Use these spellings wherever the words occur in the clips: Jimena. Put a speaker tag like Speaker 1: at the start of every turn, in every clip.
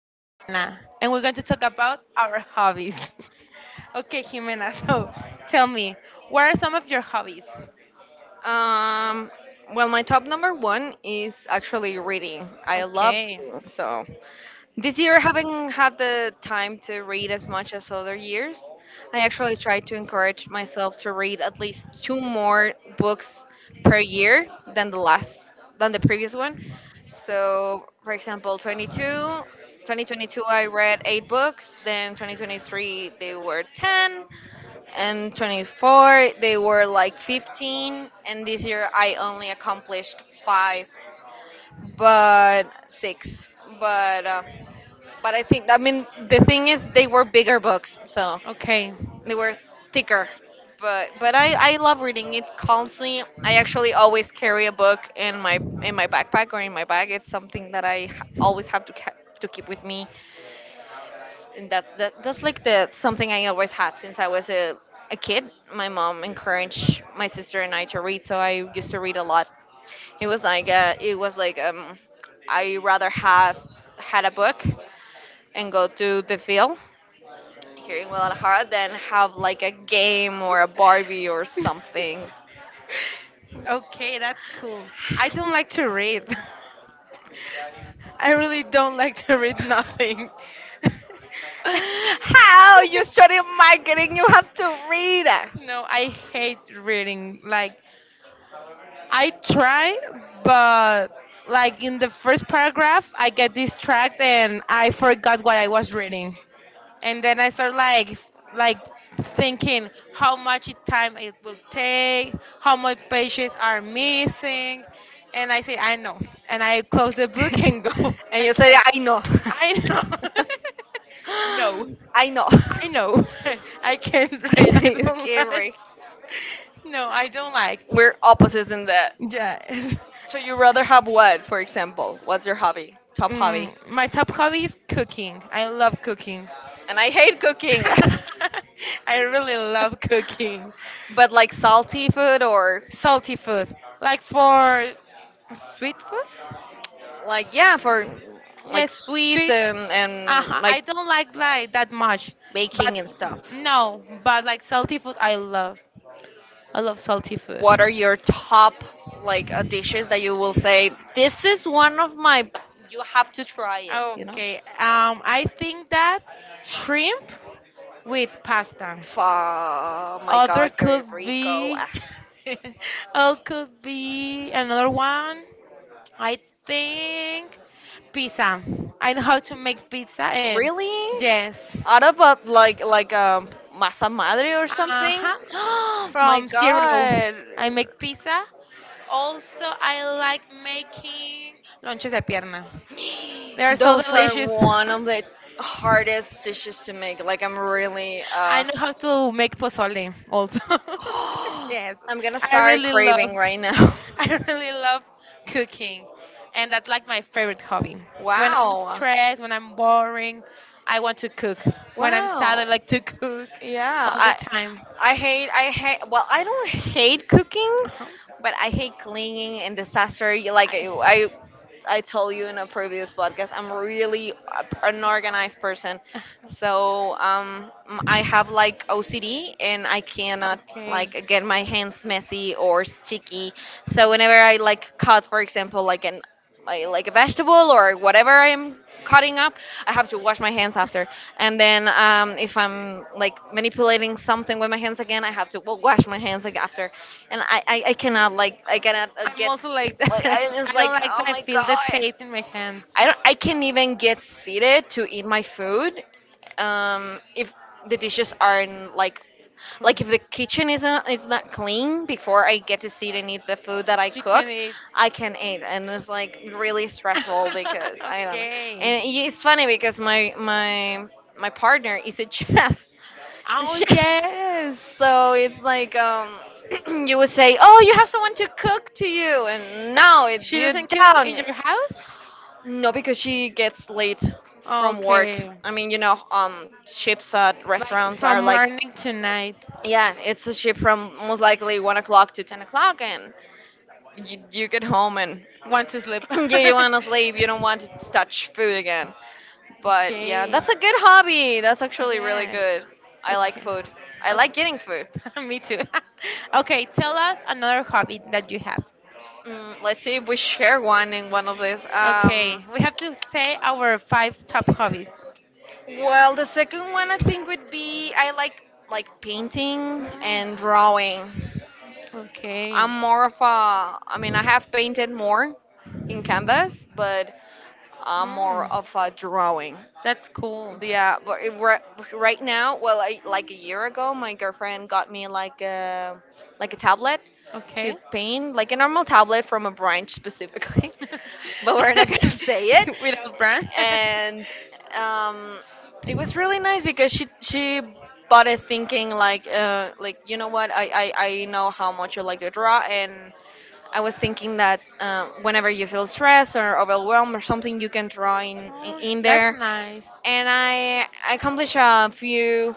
Speaker 1: Jimena, and we're going to talk about our hobbies. Okay, Jimena. So, tell me, what are some of your hobbies?
Speaker 2: Um, well, my top number one is actually reading. I love
Speaker 1: Okay.
Speaker 2: reading. So this year, I haven't had the time to read as much as other years. I actually try to encourage myself to read at least two more books per year than the last than the previous one. So, for example, 2022, I read eight books. Then 2023, they were 10, and 24 they were like 15, and this year I only accomplished five, but six, but uh, but I think, I mean, the thing is they were bigger books, so
Speaker 1: Okay.
Speaker 2: they were thicker. But I love reading it constantly. I actually always carry a book in my backpack or in my bag. It's something that I always have to keep with me, and that's like the something I always had since I was a kid. My mom encouraged my sister and I to read, so I used to read a lot. It was like I rather have had a book and go to the field here in Guadalajara than have like a game or a Barbie or something.
Speaker 1: Okay, that's cool. I don't like to read. I really don't like to read nothing.
Speaker 2: How you study marketing? You have to read.
Speaker 1: No, I hate reading. Like, I try, but like in the first paragraph, I get distracted and I forgot what I was reading. And then I start like like thinking how much time it will take, how much pages are missing, and I say I know, and I close the book and go
Speaker 2: And you say,
Speaker 1: again.
Speaker 2: I know.
Speaker 1: I know. No,
Speaker 2: I know.
Speaker 1: I know. I can't read. I don't
Speaker 2: Okay,
Speaker 1: like.
Speaker 2: Ray.
Speaker 1: No, I don't like.
Speaker 2: We're opposites in that.
Speaker 1: Yeah.
Speaker 2: So you rather have what, for example? What's your hobby? Top hobby?
Speaker 1: Mm, my top hobby is cooking. I love cooking.
Speaker 2: And I hate cooking.
Speaker 1: I really love cooking
Speaker 2: But like salty food or
Speaker 1: salty food, like for sweet food.
Speaker 2: like yeah for like
Speaker 1: Yes,
Speaker 2: sweets
Speaker 1: sweet.
Speaker 2: and like
Speaker 1: I don't like that much, but
Speaker 2: baking and stuff.
Speaker 1: no, but like salty food, I love. I love salty food.
Speaker 2: What are your top dishes that you will say, this is one of my, you have to try it, you know?
Speaker 1: Okay. I think that shrimp with pasta.
Speaker 2: Fa my
Speaker 1: Other
Speaker 2: god, Gary
Speaker 1: could
Speaker 2: Rico.
Speaker 1: be,
Speaker 2: Ah.
Speaker 1: other could be another one. I think pizza. I know how to make pizza, and
Speaker 2: Really?
Speaker 1: yes,
Speaker 2: Out of a, like masa madre or something?
Speaker 1: uh-huh,
Speaker 2: My
Speaker 1: from zero,
Speaker 2: god.
Speaker 1: I make pizza. Also, I like making lonches de pierna. They are so
Speaker 2: Those are
Speaker 1: delicious.
Speaker 2: one of the hardest dishes to make. Like, I'm really
Speaker 1: I know how to make pozole also. Yes,
Speaker 2: I'm gonna
Speaker 1: I
Speaker 2: start
Speaker 1: really
Speaker 2: craving
Speaker 1: love.
Speaker 2: right now.
Speaker 1: I really love cooking, and that's like my favorite hobby. When I'm
Speaker 2: Wow.
Speaker 1: stressed, when I'm boring, I want to cook. When I'm sad,
Speaker 2: Wow.
Speaker 1: I like to cook
Speaker 2: Yeah,
Speaker 1: all the time.
Speaker 2: I hate well, I don't hate cooking,
Speaker 1: Uh-huh.
Speaker 2: but I hate cleaning and disaster. Like
Speaker 1: I,
Speaker 2: I told you in a previous podcast, I'm really an organized person,
Speaker 1: uh-huh.
Speaker 2: so I have like OCD, and I cannot
Speaker 1: Okay.
Speaker 2: like get my hands messy or sticky. So whenever I like cut, for example, like a vegetable or whatever I'm cutting up, I have to wash my hands after. And then if I'm like manipulating something with my hands again, I have to, well, wash my hands like after. And I cannot,
Speaker 1: I'm
Speaker 2: get,
Speaker 1: also like that. I
Speaker 2: it's
Speaker 1: don't
Speaker 2: like,
Speaker 1: like that.
Speaker 2: oh
Speaker 1: I
Speaker 2: my
Speaker 1: feel the
Speaker 2: god.
Speaker 1: taste in my hands.
Speaker 2: I don't. I can't even get seated to eat my food. If the dishes aren't like, if the kitchen isn't is not clean before I get to sit and eat the food that I
Speaker 1: You can
Speaker 2: cooked,
Speaker 1: eat.
Speaker 2: I can eat, and it's like really stressful because I don't know. And
Speaker 1: Okay.
Speaker 2: it's funny because my partner is a chef. He's a
Speaker 1: Oh
Speaker 2: chef.
Speaker 1: yes.
Speaker 2: So it's like you would say, "Oh, you have someone to cook to you," and now it's
Speaker 1: She
Speaker 2: you
Speaker 1: doesn't cook
Speaker 2: down.
Speaker 1: in your
Speaker 2: No, because she gets
Speaker 1: house?
Speaker 2: late from work.
Speaker 1: Okay.
Speaker 2: I mean, ships at
Speaker 1: Like
Speaker 2: restaurants
Speaker 1: from
Speaker 2: are like,
Speaker 1: morning to night.
Speaker 2: yeah, it's a shift from most likely 1 o'clock to 10 o'clock, and you get home and
Speaker 1: Want to sleep.
Speaker 2: yeah, you want to sleep. You don't want to touch food again. But yeah,
Speaker 1: Okay.
Speaker 2: that's a good hobby. That's actually really
Speaker 1: Yes.
Speaker 2: good. I like
Speaker 1: Okay.
Speaker 2: food. I like getting food.
Speaker 1: Okay. Me too. Okay, tell us another hobby that you have.
Speaker 2: Let's see if we share one in one of these.
Speaker 1: Okay, we have to say our five top hobbies.
Speaker 2: Well, the second one I think would be I like painting
Speaker 1: Mm,
Speaker 2: and drawing.
Speaker 1: okay.
Speaker 2: I mean, I have painted more in canvas, but I'm more
Speaker 1: Mm,
Speaker 2: of a drawing.
Speaker 1: that's cool.
Speaker 2: Yeah, but right now, well, I, like a year ago, my girlfriend got me like a tablet
Speaker 1: Like
Speaker 2: to paint, like a normal tablet from a branch specifically,
Speaker 1: a tablet. Okay,
Speaker 2: but we're not gonna
Speaker 1: specifically.
Speaker 2: say it.
Speaker 1: Period. Without brand.
Speaker 2: And um, it was really nice because she bought it thinking like you know what, I know how much you like to draw, and I was thinking that whenever you feel stressed or overwhelmed or something, you can draw
Speaker 1: Oh,
Speaker 2: in
Speaker 1: that's
Speaker 2: there.
Speaker 1: nice.
Speaker 2: And I accomplished a few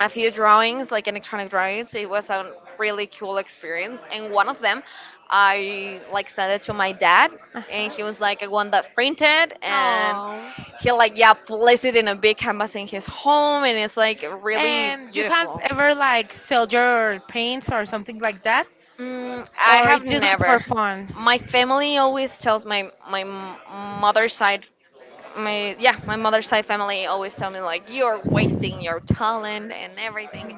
Speaker 2: drawings, like electronic drawings. It was a really cool experience. And one of them, I like sent it to my dad,
Speaker 1: Uh
Speaker 2: and
Speaker 1: huh.
Speaker 2: he was like, "I want that printed." And
Speaker 1: Oh.
Speaker 2: he like, yeah, placed it in a big canvas in his home, and it's like really
Speaker 1: And you have
Speaker 2: beautiful.
Speaker 1: ever like sell your paints or something like that,
Speaker 2: I
Speaker 1: or
Speaker 2: have
Speaker 1: it's just like for
Speaker 2: never.
Speaker 1: fun?
Speaker 2: My family always tells mother's side, my mother's side family always tell me like, you're wasting your talent and everything,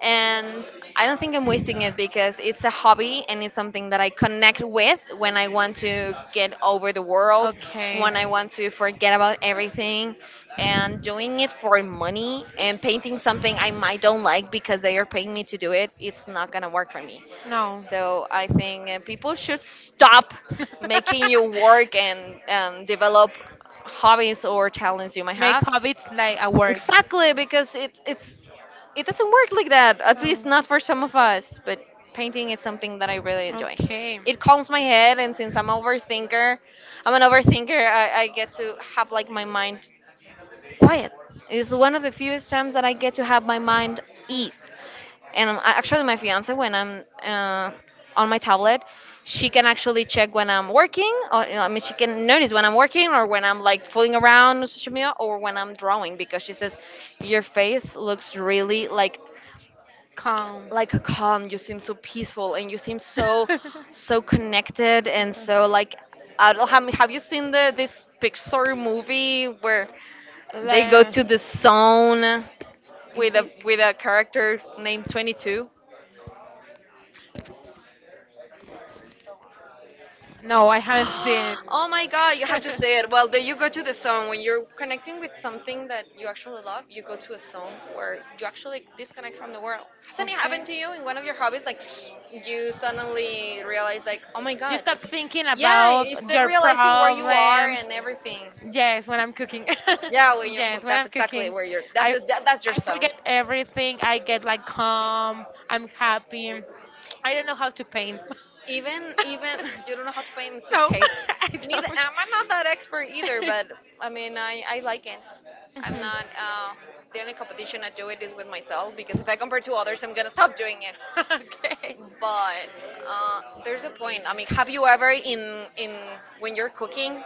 Speaker 2: and I don't think I'm wasting it because it's a hobby, and it's something that I connect with when I want to get over the world,
Speaker 1: Okay.
Speaker 2: when I want to forget about everything. And doing it for money and painting something I might don't like because they are paying me to do it, it's not gonna work for me.
Speaker 1: No.
Speaker 2: So I think people should stop making you work and develop hobbies or talents you might
Speaker 1: Make
Speaker 2: have.
Speaker 1: hobbies like a work.
Speaker 2: Exactly, because it doesn't work like that. At least
Speaker 1: Oh.
Speaker 2: not for some of us. But painting is something that I really enjoy.
Speaker 1: Okay.
Speaker 2: It calms my head, and I'm an overthinker. I get to have like my mind quiet. It's one of the fewest times that I get to have my mind ease. And actually, my fiance, when I'm on my tablet, she can actually check when I'm working, or I mean, she can notice when I'm working, or when I'm like fooling around on social media, or when I'm drawing, because she says, "Your face looks really like."
Speaker 1: Calm.
Speaker 2: Like calm, you seem so peaceful, and you seem so connected, and so like, I don't, have you seen the this Pixar movie where they go
Speaker 1: La-
Speaker 2: to the zone with a
Speaker 1: inside.
Speaker 2: character named 22.
Speaker 1: No, I haven't seen it.
Speaker 2: Oh my god, you have to say it. Well, then you go to the zone when you're connecting with something that you actually love. You go to a zone where you actually disconnect from the world. Hasn't it happened
Speaker 1: Okay.
Speaker 2: to you in one of your hobbies? Like, you suddenly realize, like, oh my
Speaker 1: You
Speaker 2: god.
Speaker 1: stop thinking
Speaker 2: Yeah, you
Speaker 1: about
Speaker 2: start
Speaker 1: your
Speaker 2: realizing where you are
Speaker 1: problems.
Speaker 2: and everything.
Speaker 1: Yes, when I'm cooking.
Speaker 2: Yeah, when you,
Speaker 1: Yes,
Speaker 2: well,
Speaker 1: when I'm
Speaker 2: that's exactly
Speaker 1: cooking.
Speaker 2: where you're. That's
Speaker 1: I
Speaker 2: that's your
Speaker 1: I
Speaker 2: zone.
Speaker 1: forget everything. I get like calm. I'm happy. I don't know how to paint.
Speaker 2: Even you don't know how to paint. It's
Speaker 1: No,
Speaker 2: okay.
Speaker 1: I
Speaker 2: Neither
Speaker 1: don't.
Speaker 2: am I not that expert either, but I mean I like it. I'm
Speaker 1: Mhm.
Speaker 2: not. The only competition I do it is with myself because if I compare to others, I'm gonna stop doing it, but there's a
Speaker 1: Okay.
Speaker 2: point. I mean, have you ever in when you're cooking,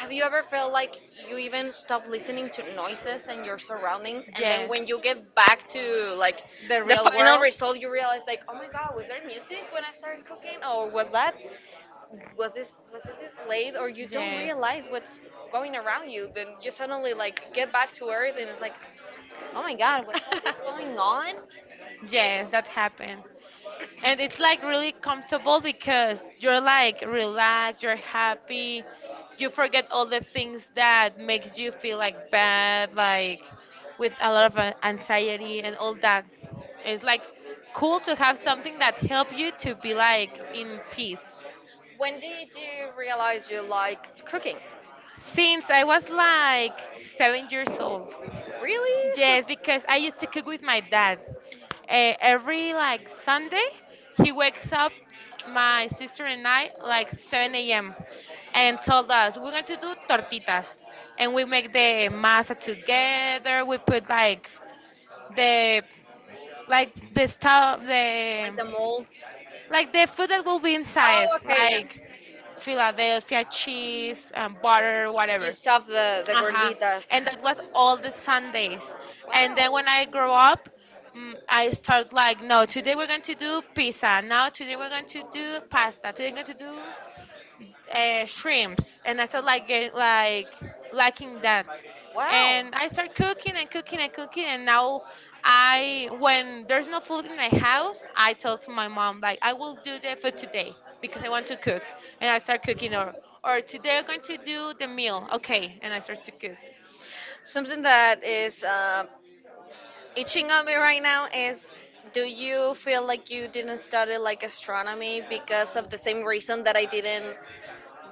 Speaker 2: have you ever felt like you even stop listening to noises and your surroundings, and then when you get back to like
Speaker 1: The
Speaker 2: the
Speaker 1: real.
Speaker 2: final result, you realize like, oh my god, was there music when I started cooking, or was this it late, or you don't realize what's going around you, then you suddenly like get back to earth and it's like, oh my god,
Speaker 1: What
Speaker 2: what's all
Speaker 1: was
Speaker 2: this going on?
Speaker 1: that? Yes, that happened, and it's like really comfortable because you're like relaxed, you're happy, you forget all the things that makes you feel like bad, like with a lot of anxiety and all that. It's like cool to have something that help you to be like in peace
Speaker 2: When did you realize you liked cooking?
Speaker 1: since I was like 7 years old.
Speaker 2: Really?
Speaker 1: Yes, because I used to cook with my dad. Every like Sunday, he wakes up my sister and I like 7 a.m. and told us we're going to do tortitas, and we make the masa together. We put the like the stuff,
Speaker 2: Like
Speaker 1: the
Speaker 2: the molds?
Speaker 1: like the food that will be inside,
Speaker 2: Oh, okay, yeah.
Speaker 1: like Philadelphia cheese and butter,
Speaker 2: You
Speaker 1: whatever.
Speaker 2: stuff the
Speaker 1: Uh-huh.
Speaker 2: gorditas.
Speaker 1: And that was all the Sundays, and then when I grow up, mm, I start like, no, today we're going to do pizza, now today we're going to do pasta, today we're going to do shrimps, and I start like liking that, and I start cooking and cooking and cooking, and now I, when there's no food in my house, I tell to my mom like I will do the food today because I want to cook, and I start cooking, or today I'm going to do the meal, okay, and I start to cook.
Speaker 2: Something that is itching of me right now is, do you feel like you didn't study like astronomy because of the same reason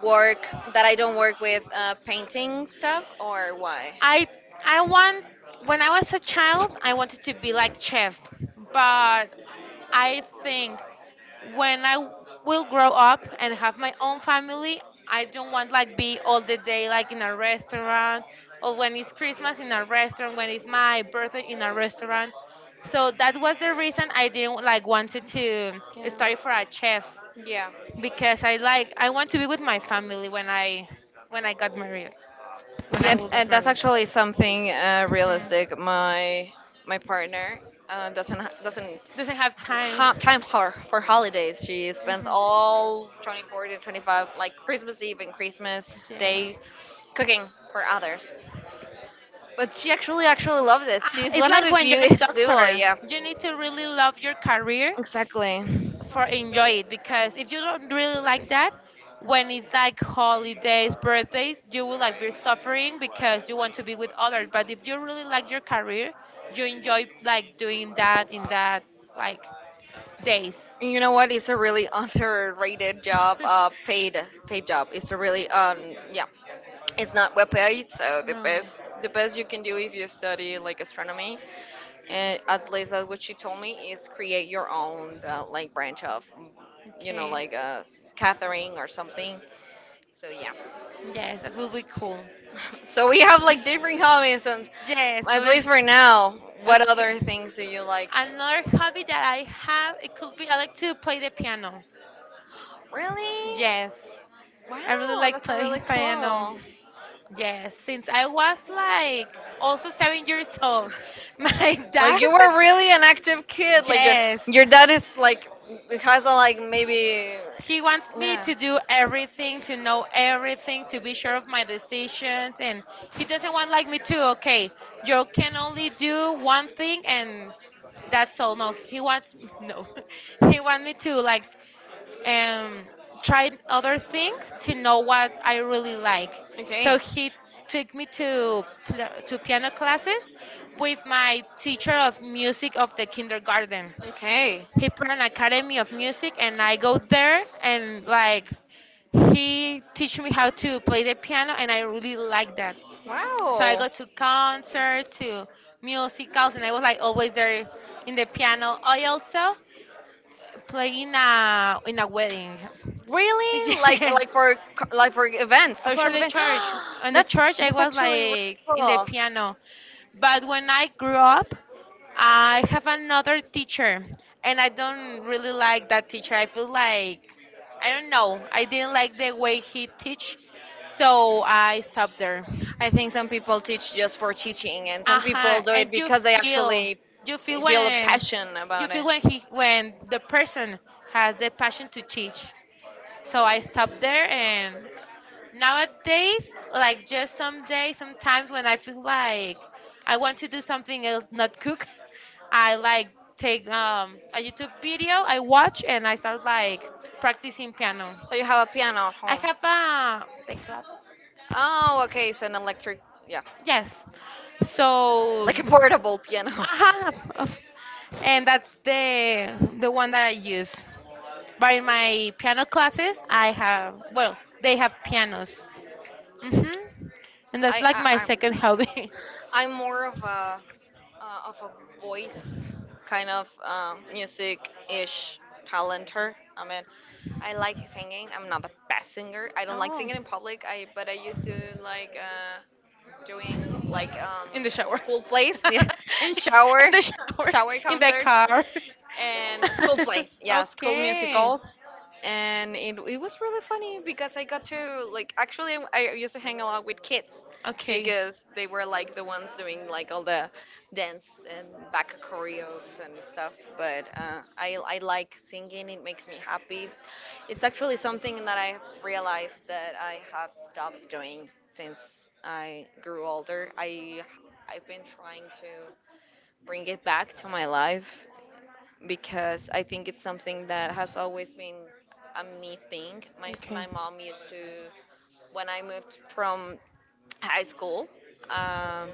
Speaker 2: work that I don't work with painting stuff, or why?
Speaker 1: I I want, when I was a child I wanted to be like chef, but I think when I will grow up and have my own family, I don't want like be all the day like in a restaurant, or when it's Christmas in a restaurant, when it's my birthday in a restaurant. So that was the reason I didn't like wanted to study for a chef,
Speaker 2: Yeah.
Speaker 1: because I like I want to be with my family when I, when I got married, when I
Speaker 2: Yeah,
Speaker 1: will get
Speaker 2: and that's
Speaker 1: married.
Speaker 2: actually something
Speaker 1: Hmm.
Speaker 2: realistic. My partner doesn't
Speaker 1: Doesn't have time.
Speaker 2: have time for holidays. She spends
Speaker 1: Hmm.
Speaker 2: all 24 to 25, like Christmas Eve and Christmas
Speaker 1: Yeah.
Speaker 2: Day, cooking for others. But she actually loves it.
Speaker 1: Ah,
Speaker 2: She's
Speaker 1: it's
Speaker 2: one of
Speaker 1: like
Speaker 2: the
Speaker 1: when you're a
Speaker 2: fewest people,
Speaker 1: doctor,
Speaker 2: yeah.
Speaker 1: you need to really love your career
Speaker 2: Exactly.
Speaker 1: for enjoy it, because if you don't really like that, when it's like holidays, birthdays, you will like be suffering because you want to be with others. But if you really like your career, you enjoy like doing that in that like days.
Speaker 2: And, you know what? It's a really underrated job, paid job. It's a really yeah. It's not well paid, so the
Speaker 1: No.
Speaker 2: best you can do if you study like astronomy, and at least that's what she told me, is create your own like branch of,
Speaker 1: Okay.
Speaker 2: like a catering or something. So yeah,
Speaker 1: Yes, that will be cool.
Speaker 2: so we have like different hobbies, and
Speaker 1: Yes.
Speaker 2: at
Speaker 1: Let.
Speaker 2: least for
Speaker 1: Us
Speaker 2: now, what
Speaker 1: Okay.
Speaker 2: other things do you like?
Speaker 1: Another hobby that I have, it could be I like to play the piano.
Speaker 2: Really?
Speaker 1: Yes. I really
Speaker 2: Wow,
Speaker 1: like
Speaker 2: that's really
Speaker 1: playing piano.
Speaker 2: cool.
Speaker 1: Yes, since I was like also 7 years old, my
Speaker 2: Like
Speaker 1: dad.
Speaker 2: you were really an active kid. Like
Speaker 1: Yes,
Speaker 2: your dad is like, has a like, maybe,
Speaker 1: he wants me
Speaker 2: yeah.
Speaker 1: to do everything, to know everything, to be sure of my decisions, and he doesn't want like me to, okay, you can only do one thing and that's all. No, he wants no. He wants me to like um try other things to know what I really like.
Speaker 2: Okay.
Speaker 1: So he took me to to piano classes with my teacher of music of the kindergarten.
Speaker 2: Okay.
Speaker 1: He put an academy of music, and I go there, and like he teach me how to play the piano, and I really like that. So I
Speaker 2: Wow.
Speaker 1: go to concerts, to musicals, and I was like always there in the piano. I also play in a wedding.
Speaker 2: Really? Like
Speaker 1: Yes,
Speaker 2: for events,
Speaker 1: for
Speaker 2: social
Speaker 1: the
Speaker 2: events.
Speaker 1: church. In the
Speaker 2: that's
Speaker 1: church, I
Speaker 2: that's
Speaker 1: was
Speaker 2: actually really
Speaker 1: like in the
Speaker 2: cool.
Speaker 1: piano. But when I grew up, I have another teacher, and I don't really like that teacher. I feel like I don't know. I didn't like the way he teach, so I stopped there.
Speaker 2: I think some people teach just for teaching, and
Speaker 1: Uh
Speaker 2: some people
Speaker 1: huh.
Speaker 2: do it
Speaker 1: And
Speaker 2: because they actually
Speaker 1: you feel
Speaker 2: feel a
Speaker 1: when,
Speaker 2: passion
Speaker 1: you
Speaker 2: about
Speaker 1: feel
Speaker 2: it.
Speaker 1: when he, when the person has the passion to teach. So I stopped there, and nowadays, like just some days, sometimes when I feel like I want to do something else, not cook, I like take a YouTube video, I watch, and I start like practicing piano.
Speaker 2: So you have a piano at
Speaker 1: I
Speaker 2: home.
Speaker 1: have a teclado.
Speaker 2: Oh, okay, so an electric, yeah,
Speaker 1: Yes. So,
Speaker 2: like a portable piano.
Speaker 1: uh and that's the one that I use. But in my piano classes, I have, well, they have pianos. Hmm. And that's
Speaker 2: I,
Speaker 1: like my
Speaker 2: I,
Speaker 1: second
Speaker 2: I
Speaker 1: hobby.
Speaker 2: I'm more of a voice kind of music ish talenter. I mean, I like singing. I'm not the best singer. I don't like
Speaker 1: Oh.
Speaker 2: singing in public. I But I used to like doing like
Speaker 1: In the shower.
Speaker 2: school plays yeah, and
Speaker 1: In
Speaker 2: shower
Speaker 1: the shower.
Speaker 2: shower
Speaker 1: In the
Speaker 2: concerts
Speaker 1: car.
Speaker 2: and school plays, yeah, school
Speaker 1: Okay.
Speaker 2: musicals. And it was really funny because I got to like, actually, I used to hang a lot with kids
Speaker 1: Okay.
Speaker 2: because they were like the ones doing like all the dance and back choreos and stuff. But I like singing, it makes me happy. It's actually something that I realized that I have stopped doing since I grew older. I've been trying to bring it back to my life because I think it's something that has always been a me thing. My
Speaker 1: Okay.
Speaker 2: my mom used to, when I moved from high school. Um,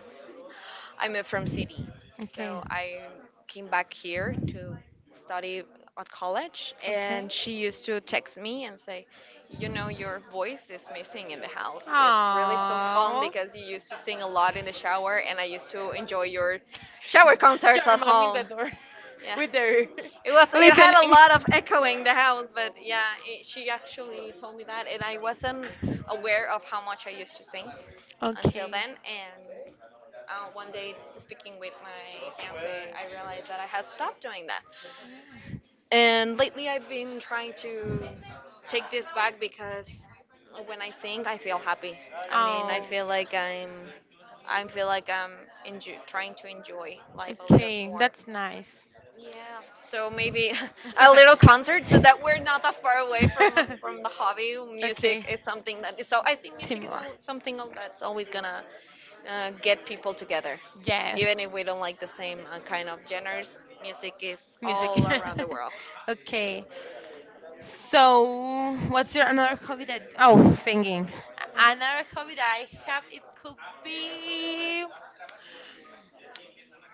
Speaker 2: I moved from city,
Speaker 1: Okay.
Speaker 2: so I came back here to study at college,
Speaker 1: Okay.
Speaker 2: and she used to text me and say, "You know, your voice is missing in the house. It's really so calm
Speaker 1: Oh.
Speaker 2: because you used to sing a lot in the shower, and I used to enjoy your shower concerts
Speaker 1: Your
Speaker 2: at
Speaker 1: mom in the
Speaker 2: home."
Speaker 1: door
Speaker 2: Yeah,
Speaker 1: with her
Speaker 2: it was. It had a lot of
Speaker 1: listening.
Speaker 2: echoing the house, but yeah, she actually told me that, and I wasn't aware of how much I used to sing until
Speaker 1: Okay.
Speaker 2: then. And one day, speaking with my fiance, I realized that I had stopped doing that. And lately, I've been trying to take this back because when I think, I feel happy. I mean, I
Speaker 1: Oh,
Speaker 2: feel like I'm, I feel like I'm trying to enjoy life a little
Speaker 1: okay.
Speaker 2: more.
Speaker 1: That's nice.
Speaker 2: Yeah. So maybe a little concert, so that we're not that far away from the hobby. Music
Speaker 1: Okay.
Speaker 2: is something that is, so I think music is
Speaker 1: Similar.
Speaker 2: something that's always gonna get people together.
Speaker 1: Yes.
Speaker 2: Even if we don't like the same kind of genres, music is
Speaker 1: Music.
Speaker 2: all around the world.
Speaker 1: Okay. So, what's your another hobby that? Oh, singing. Another hobby that I have it could be.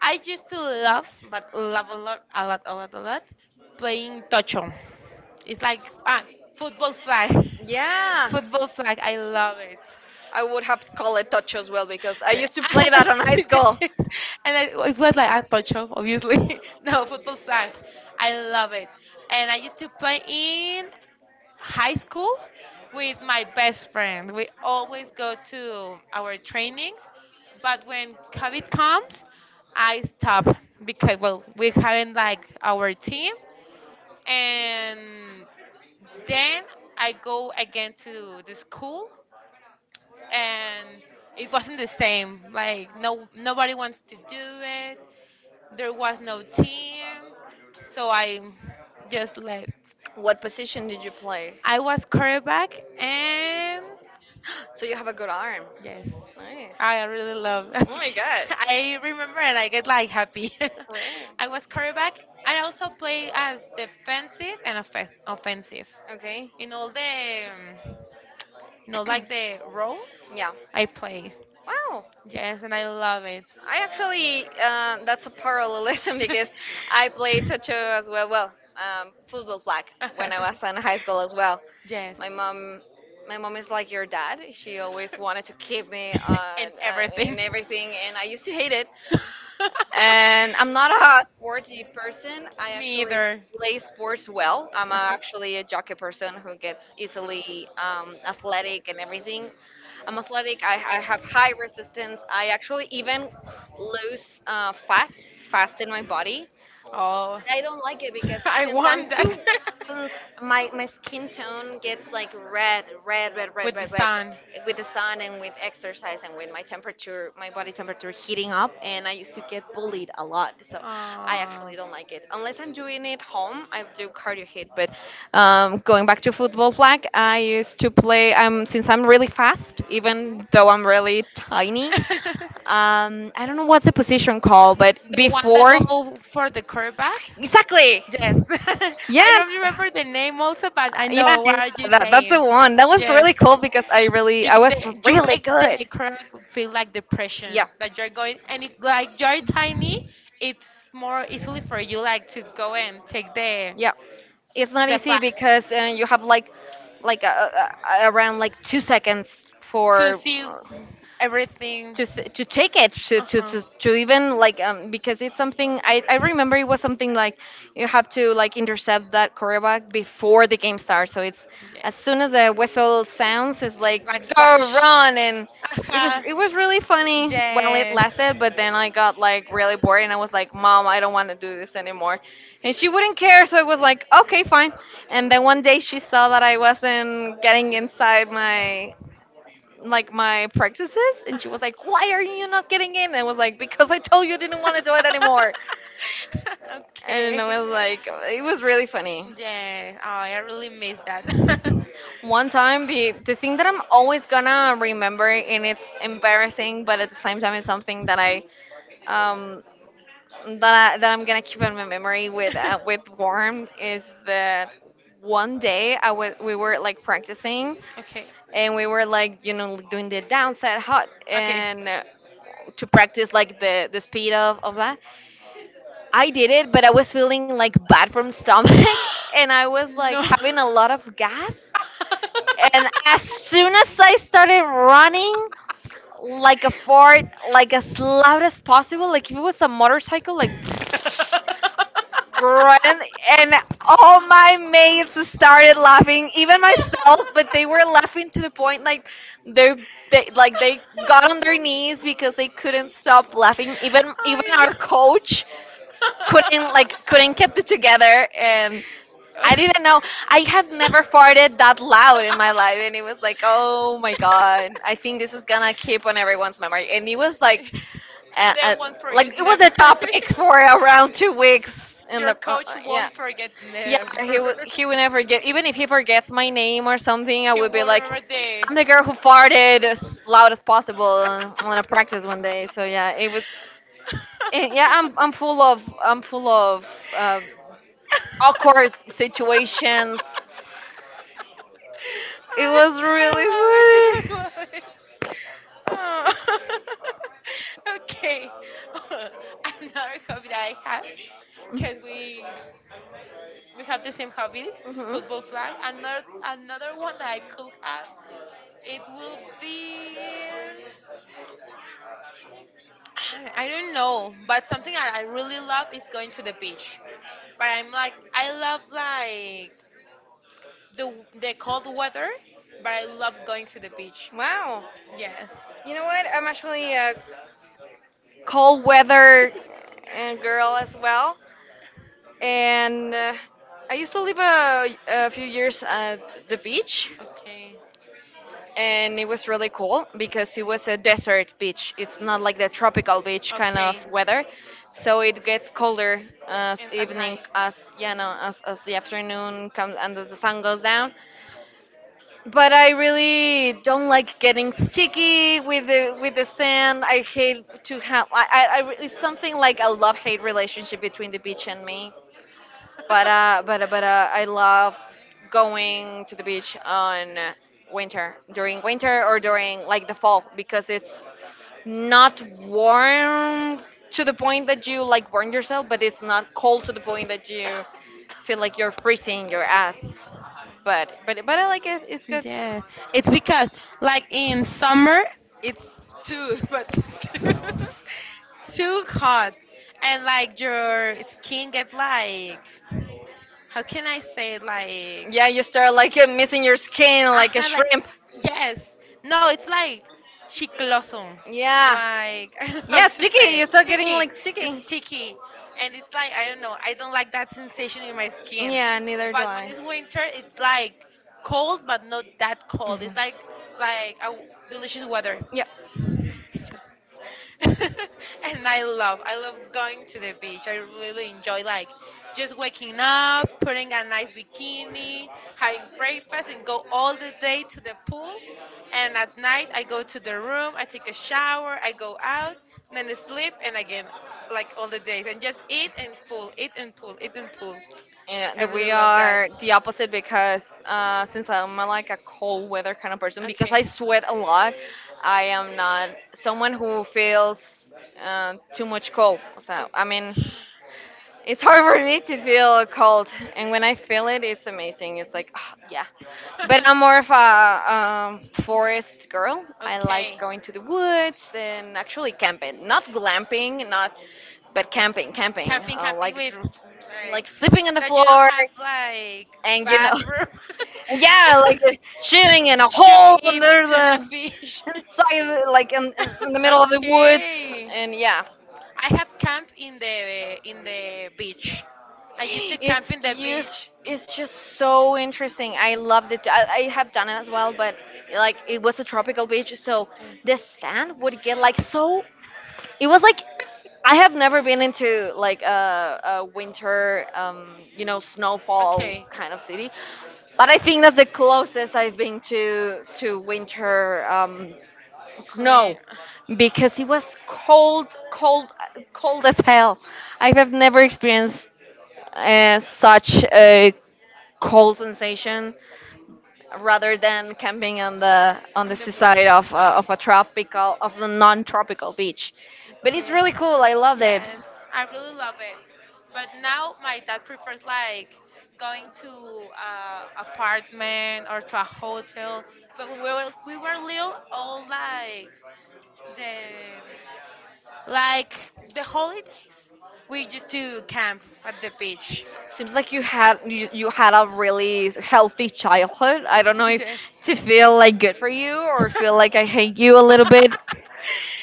Speaker 1: I used to love, but love a lot, a lot, a lot, a lot, playing tocho. It's like ah, football flag.
Speaker 2: Yeah.
Speaker 1: Football flag. I love it.
Speaker 2: I would have to call it touch as well because I used to play that on high school.
Speaker 1: And I, it was like a touch of obviously no football sucks. I love it, and I used to play in high school with my best friend. We always go to our trainings, but when COVID comes, I stop, because well we haven't like our team, and then I go again to the school, and it wasn't the same. Like no, nobody wants to do it. There was no team, so I just left.
Speaker 2: What position did you play?
Speaker 1: I was quarterback, and
Speaker 2: So you have a good arm.
Speaker 1: yes,
Speaker 2: Nice.
Speaker 1: I really love.
Speaker 2: Oh my god.
Speaker 1: I remember, and I get like happy.
Speaker 2: Rare.
Speaker 1: I was quarterback. I also play as defensive and offensive
Speaker 2: Okay.
Speaker 1: in all the, um, you know, like the roles I play.
Speaker 2: Wow.
Speaker 1: Yes, and I love it.
Speaker 2: I actually, that's a parallelism because I played Tocho as well. Well, football flag, when I was in high school as well.
Speaker 1: Yes.
Speaker 2: My mom, my mom is like your dad. She always wanted to keep me on,
Speaker 1: And everything.
Speaker 2: and everything, and I used to hate it. And I'm not a sporty person. I
Speaker 1: Me
Speaker 2: actually
Speaker 1: either.
Speaker 2: play sports well. I'm actually a jockey person who gets easily athletic and everything. I'm athletic. I have high resistance. I actually even lose fat fast in my body.
Speaker 1: Oh,
Speaker 2: I don't like it because
Speaker 1: I want that.
Speaker 2: since my skin tone gets like red, red, red, red,
Speaker 1: With the
Speaker 2: red, red,
Speaker 1: sun.
Speaker 2: with the sun and with exercise and with my temperature, my body temperature heating up, and I used to get bullied a lot. So I
Speaker 1: Oh.
Speaker 2: actually don't like it unless I'm doing it home. I do cardio hit, but going back to football flag, I used to play. Since I'm really fast,
Speaker 1: Mhm.
Speaker 2: even though I'm really tiny, I don't know what's the position called, but
Speaker 1: The one that
Speaker 2: before.
Speaker 1: go for the curve back?
Speaker 2: Exactly.
Speaker 1: Yes. I
Speaker 2: Yeah,
Speaker 1: don't remember the name also, but I
Speaker 2: yeah,
Speaker 1: know
Speaker 2: yeah,
Speaker 1: what are you
Speaker 2: that's
Speaker 1: saying.
Speaker 2: the one. That was
Speaker 1: Yes.
Speaker 2: really cool because
Speaker 1: You
Speaker 2: I
Speaker 1: get
Speaker 2: was
Speaker 1: the, you
Speaker 2: really
Speaker 1: make
Speaker 2: good.
Speaker 1: the crack feel like
Speaker 2: Yeah,
Speaker 1: depression that you're going, and if like you're tiny it's more easily for you like to go and take the
Speaker 2: yeah. It's not
Speaker 1: the
Speaker 2: easy
Speaker 1: flags
Speaker 2: because you have like around like 2 seconds
Speaker 1: to
Speaker 2: for.
Speaker 1: see
Speaker 2: uh,
Speaker 1: everything.
Speaker 2: to to take it to to,
Speaker 1: Uh-huh.
Speaker 2: to, to even like, because it's something I remember. It was something like, you have to like intercept that quarterback before the game starts. So it's as
Speaker 1: Yes,
Speaker 2: soon as the whistle sounds, it's like
Speaker 1: like
Speaker 2: go
Speaker 1: flash.
Speaker 2: run. And it was
Speaker 1: Uh-huh.
Speaker 2: it was really funny while it
Speaker 1: Yes.
Speaker 2: lasted, but then I got like really bored, and I was like, mom, I don't want to do this anymore. And she wouldn't care, so I was like, okay, fine. And then one day she saw that I wasn't getting inside my, like, my practices, and she
Speaker 1: Uh-huh.
Speaker 2: was like, why are you not getting in? And I was like, because I told you I didn't want to do it anymore. And
Speaker 1: Okay.
Speaker 2: I was like, it was really funny.
Speaker 1: Yeah. Oh, I really miss that.
Speaker 2: One time, the thing that I'm always gonna remember, and it's embarrassing, but at the same time it's something that um that I'm gonna keep in my memory with warm, is that one day I was we were like practicing.
Speaker 1: Okay.
Speaker 2: And we were like, doing the down set hot,
Speaker 1: Okay.
Speaker 2: and to practice like the speed of that. I did it, but I was feeling like bad from stomach, and I was like
Speaker 1: No.
Speaker 2: having a lot of gas. And as soon as I started running, like a fort, like as loud as possible, like if it was a motorcycle, like run. And all my mates started laughing, even myself, but they were laughing to the point like they they got on their knees because they couldn't stop laughing. Even
Speaker 1: I
Speaker 2: our
Speaker 1: know.
Speaker 2: coach couldn't keep it together, and I didn't know. I have never farted that loud in my life, and it was like, oh my god, I think this is gonna keep on everyone's memory. And it was like a,
Speaker 1: They
Speaker 2: a,
Speaker 1: won't
Speaker 2: like
Speaker 1: forget
Speaker 2: it was a
Speaker 1: never.
Speaker 2: topic for around 2 weeks in the
Speaker 1: Your coach
Speaker 2: yeah.
Speaker 1: won't forget
Speaker 2: Yeah,
Speaker 1: never.
Speaker 2: he would never get, even if he forgets my name or something, I
Speaker 1: He
Speaker 2: would be
Speaker 1: will
Speaker 2: like,
Speaker 1: remember the.
Speaker 2: I'm the girl who farted as loud as possible, on a practice one day. So yeah, it was, yeah, I'm full of uh, awkward situations. It
Speaker 1: I,
Speaker 2: was
Speaker 1: I love it.
Speaker 2: really
Speaker 1: I
Speaker 2: funny.
Speaker 1: love it. Oh. Okay. Another hobby that I have, because we have the same hobbies,
Speaker 2: Mhm.
Speaker 1: football flag. Another one that I could have, it will be. I don't know, but something that I really love is going to the beach. But I'm like, I love like the cold weather, but I love going to the beach.
Speaker 2: Wow.
Speaker 1: Yes.
Speaker 2: You know what? I'm actually a cold weather girl as well. And I used to live a few years at the beach.
Speaker 1: Okay.
Speaker 2: And it was really cool because it was a desert beach. It's not like the tropical beach kind of
Speaker 1: Okay.
Speaker 2: weather, so it gets colder as
Speaker 1: And at
Speaker 2: evening,
Speaker 1: night.
Speaker 2: as, you know, as the afternoon comes and as the sun goes down. But I really don't like getting sticky with the sand. I hate to have. It's something like a love hate relationship between the beach and me. But I love going to the beach on winter, during winter, or during like the fall, because it's not warm to the point that you like burn yourself, but it's not cold to the point that you feel like you're freezing your ass. But I like it. It's good.
Speaker 1: Yeah, it's because like in summer it's too too hot, and like your skin get like, how can I say it? Like,
Speaker 2: Yeah, you start like, missing your skin like a
Speaker 1: aha, like,
Speaker 2: shrimp.
Speaker 1: yes. No, it's like chicloso.
Speaker 2: Yeah.
Speaker 1: Like, I don't know how
Speaker 2: Yeah,
Speaker 1: to say
Speaker 2: sticky.
Speaker 1: it.
Speaker 2: You're still getting
Speaker 1: Sticky.
Speaker 2: like
Speaker 1: It's
Speaker 2: sticky.
Speaker 1: sticky. And it's like I don't know, I don't like that sensation in my skin.
Speaker 2: Yeah, neither do
Speaker 1: But when
Speaker 2: I.
Speaker 1: it's winter it's like cold but not that cold.
Speaker 2: Mhm.
Speaker 1: It's like delicious weather.
Speaker 2: Yeah.
Speaker 1: And I love, I love going to the beach. I really enjoy like just waking up, putting a nice bikini, having breakfast and go all the day to the pool. And at night I go to the room, I take a shower, I go out, and then I sleep and again like all the days, and just eat and pool, eat and pool, eat and pool. I
Speaker 2: And
Speaker 1: really
Speaker 2: we
Speaker 1: love
Speaker 2: are
Speaker 1: that.
Speaker 2: the opposite because, since I'm, like a cold weather kind of person, because
Speaker 1: Okay.
Speaker 2: I sweat a lot, I am not someone who feels too much cold. So, I mean, it's hard for me to feel
Speaker 1: Okay.
Speaker 2: cold, and when I feel it, it's amazing. It's like, "Ah, yeah." But I'm more of a forest girl. I like
Speaker 1: Okay.
Speaker 2: going to the woods and actually camping, not glamping, not, but camping, camping,
Speaker 1: Camping, camping
Speaker 2: like,
Speaker 1: with like,
Speaker 2: like sleeping on the
Speaker 1: that you don't
Speaker 2: floor,
Speaker 1: have like
Speaker 2: and,
Speaker 1: bathroom.
Speaker 2: yeah, like chilling in a
Speaker 1: You
Speaker 2: hole
Speaker 1: eat
Speaker 2: under
Speaker 1: tuna
Speaker 2: the
Speaker 1: fish.
Speaker 2: inside, like in the middle of the woods,
Speaker 1: Okay.
Speaker 2: and yeah.
Speaker 1: I have camped in the beach. I used to camp in
Speaker 2: It's
Speaker 1: the
Speaker 2: used.
Speaker 1: beach.
Speaker 2: It's just so interesting. I loved it. I have done it as well, but like it was a tropical beach, so
Speaker 1: Okay.
Speaker 2: the sand would get like so. It was like, I have never been into like a winter, snowfall
Speaker 1: Okay.
Speaker 2: kind of city, but I think that's the closest I've been to winter,
Speaker 1: Queen
Speaker 2: snow, because it was cold, cold, cold as hell. I have never experienced such a cold sensation, rather than camping on the
Speaker 1: on the beach.
Speaker 2: seaside of of a tropical, of the non-tropical beach. But it's
Speaker 1: Okay.
Speaker 2: really cool, I loved it.
Speaker 1: Yes, I really love it. But now my dad prefers like going to a apartment or to a hotel. But when we were little, all like the, like the holidays, we used to camp at the beach.
Speaker 2: Seems like you had, you had a really healthy childhood. I don't know if
Speaker 1: Yes.
Speaker 2: to feel like good for you or feel like I hate you a little bit.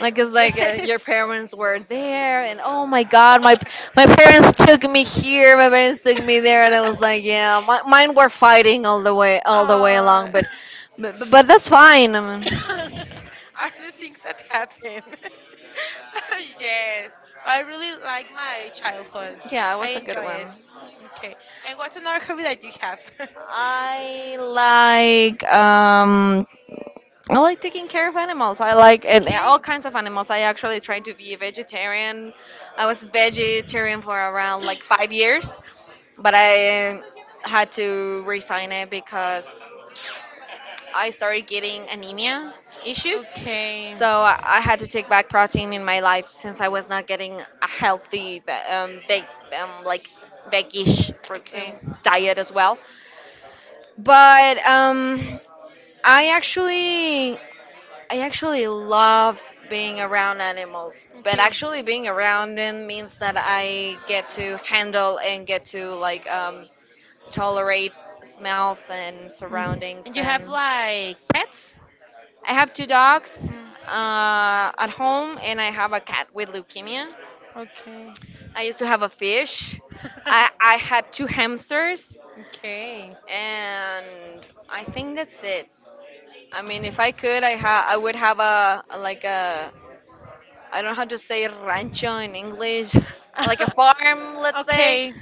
Speaker 2: Like, it's like, your
Speaker 1: Yes.
Speaker 2: parents were there, and oh my God, my, parents took me here, my parents took me there, and I was like, yeah, mine were fighting all the way along,
Speaker 1: Aw.
Speaker 2: but, but that's fine. I mean,
Speaker 1: Are the things that happen. Yes, I really like my childhood.
Speaker 2: yeah, it
Speaker 1: I
Speaker 2: was a good
Speaker 1: enjoy
Speaker 2: one.
Speaker 1: it. Okay, and what's another hobby that you have?
Speaker 2: I like, I like taking care of animals. I like, and
Speaker 1: Okay,
Speaker 2: all kinds of animals. I actually tried to be a vegetarian. I was vegetarian for around like 5 years, but I had to resign it because I started getting anemia issues.
Speaker 1: okay.
Speaker 2: So I had to take back protein in my life since I was not getting a healthy, ve- veg, like veg-ish pro- diet as well. But I actually I actually love being around animals, but
Speaker 1: Okay.
Speaker 2: actually being around them means that
Speaker 1: Okay.
Speaker 2: I get to handle and get to tolerate smells and
Speaker 1: Mm.
Speaker 2: surroundings.
Speaker 1: And you have
Speaker 2: And
Speaker 1: like pets?
Speaker 2: I have two dogs
Speaker 1: Mm.
Speaker 2: at home, and I have a cat with leukemia.
Speaker 1: Okay.
Speaker 2: I used to have a fish. I I had two hamsters,
Speaker 1: Okay.
Speaker 2: and I think that's it. I mean, if I could, I would have a. I don't know how to say rancho in English, like a farm, let's say.
Speaker 1: Okay.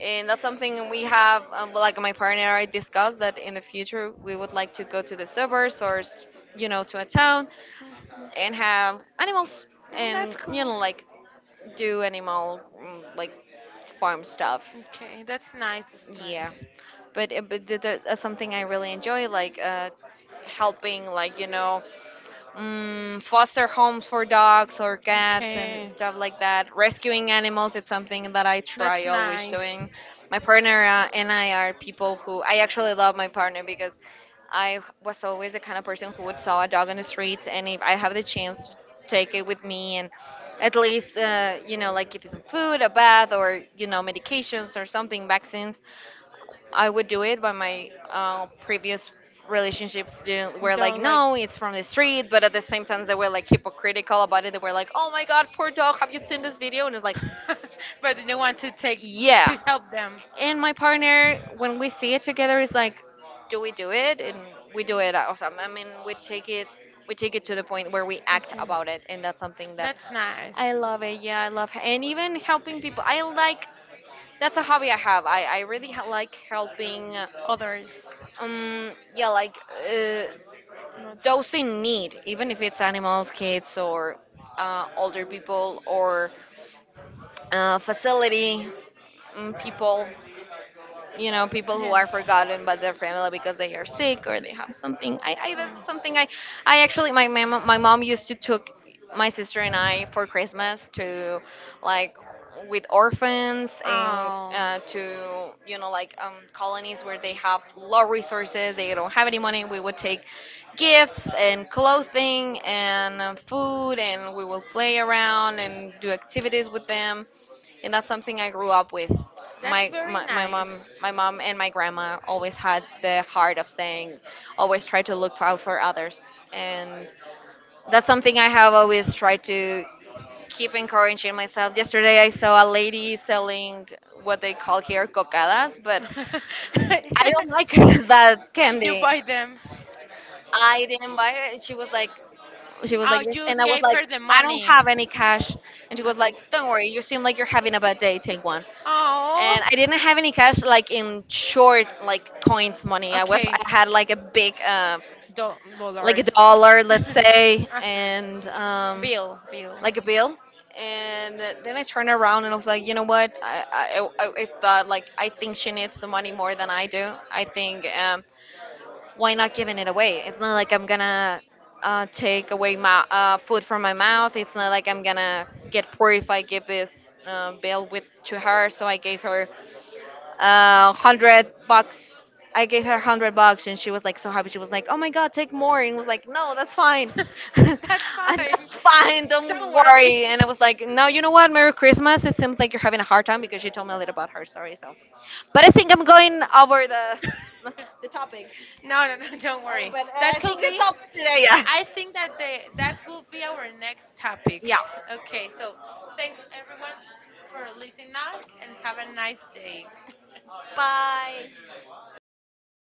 Speaker 2: And that's something we have, well, like my partner and I discussed that in the future we would like to go to the suburbs or, you know, to a town
Speaker 1: Mhm.
Speaker 2: and have animals
Speaker 1: Mm, that's
Speaker 2: and, you
Speaker 1: cool.
Speaker 2: know, like do animal, like farm stuff.
Speaker 1: Okay, that's nice. That's
Speaker 2: Yeah.
Speaker 1: nice.
Speaker 2: But, but that's something I really enjoy, like helping, like, you know, foster homes for dogs or cats and
Speaker 1: Okay.
Speaker 2: stuff like that. Rescuing animals, it's something that I
Speaker 1: That's
Speaker 2: try always
Speaker 1: nice.
Speaker 2: doing. My partner and I are people who I actually love my partner because I was always the kind of person who would saw a dog on the streets, and if I have the chance to take it with me and at least, you know, like give it some food, a bath, or you know, medications or something, vaccines, I would do it. But my previous relationships didn't, were like,
Speaker 1: Don't like.
Speaker 2: no, it's from the street. But at the same time, they were like hypocritical about it. They were like, oh my god, poor dog, have you seen this video? And it's like,
Speaker 1: But they want to take to
Speaker 2: yeah.
Speaker 1: help them.
Speaker 2: And my partner, when we see it together, is like, do we do it? And we do it. Also. I mean, we take it. We take it to the point where we act about it, and that's something that
Speaker 1: That's
Speaker 2: I
Speaker 1: nice.
Speaker 2: love it. Yeah, I love, and even helping people. I like. That's a hobby I have. I like helping
Speaker 1: Others,
Speaker 2: um yeah like uh,
Speaker 1: not.
Speaker 2: those in need, even if it's animals, kids, or older people, or facility people, you know, people who are
Speaker 1: Yeah.
Speaker 2: forgotten by their family because they are sick or they have something. I, I that's something i i actually, my mom used to took my sister and I for Christmas to, like, with orphans
Speaker 1: Oh.
Speaker 2: and
Speaker 1: Oh,
Speaker 2: uh, to, you know, like, colonies where they have low resources, they don't have any money. We would take gifts and clothing and, food, and we will play around and do activities with them, and that's something I grew up with.
Speaker 1: that's
Speaker 2: My,
Speaker 1: very
Speaker 2: my my
Speaker 1: nice.
Speaker 2: mom my mom and my grandma always had the heart of saying, always try to look out for others, and that's something I have always tried to keep encouraging myself. Yesterday I saw a lady selling what they call here cocadas, but I don't like that
Speaker 1: You
Speaker 2: candy.
Speaker 1: buy them.
Speaker 2: I didn't buy it. And she was like,
Speaker 1: Oh,
Speaker 2: this,
Speaker 1: you
Speaker 2: and I was
Speaker 1: gave
Speaker 2: like,
Speaker 1: her the
Speaker 2: I don't
Speaker 1: money.
Speaker 2: have any cash. And she was like,
Speaker 1: Okay.
Speaker 2: "Don't worry, you seem like you're having a bad day. Take one."
Speaker 1: Oh.
Speaker 2: And I didn't have any cash, like in short, like coins money. I
Speaker 1: Okay.
Speaker 2: had like a big, like a
Speaker 1: Dollar.
Speaker 2: dollar, let's say,
Speaker 1: Uh-huh.
Speaker 2: and
Speaker 1: Bill. Bill.
Speaker 2: like a bill. And then I turned around and I was like, you know what? I thought, like, I think she needs the money more than I do. I think, why not giving it away? It's not like I'm gonna take away my food from my mouth. It's not like I'm gonna get poor if I give this bill with to her. So I gave her $100. I gave her $100, and she was like so happy. She was like, "Oh my god, take more!" And was like, "No, that's fine, and
Speaker 1: That's fine.
Speaker 2: that's fine. Don't
Speaker 1: Don't
Speaker 2: worry."
Speaker 1: worry.
Speaker 2: And I was like, "No, you know what? Merry Christmas." It seems like you're having a hard time, because she told me a little about her story. So, but I think I'm going over the topic.
Speaker 1: No, no, no, don't worry.
Speaker 2: But I
Speaker 1: That
Speaker 2: I
Speaker 1: could
Speaker 2: think that's
Speaker 1: be.
Speaker 2: all for today. Yeah.
Speaker 1: I think that the that will be our next topic.
Speaker 2: Yeah.
Speaker 1: Okay, so thanks everyone for listening us and have a nice day.
Speaker 2: Bye.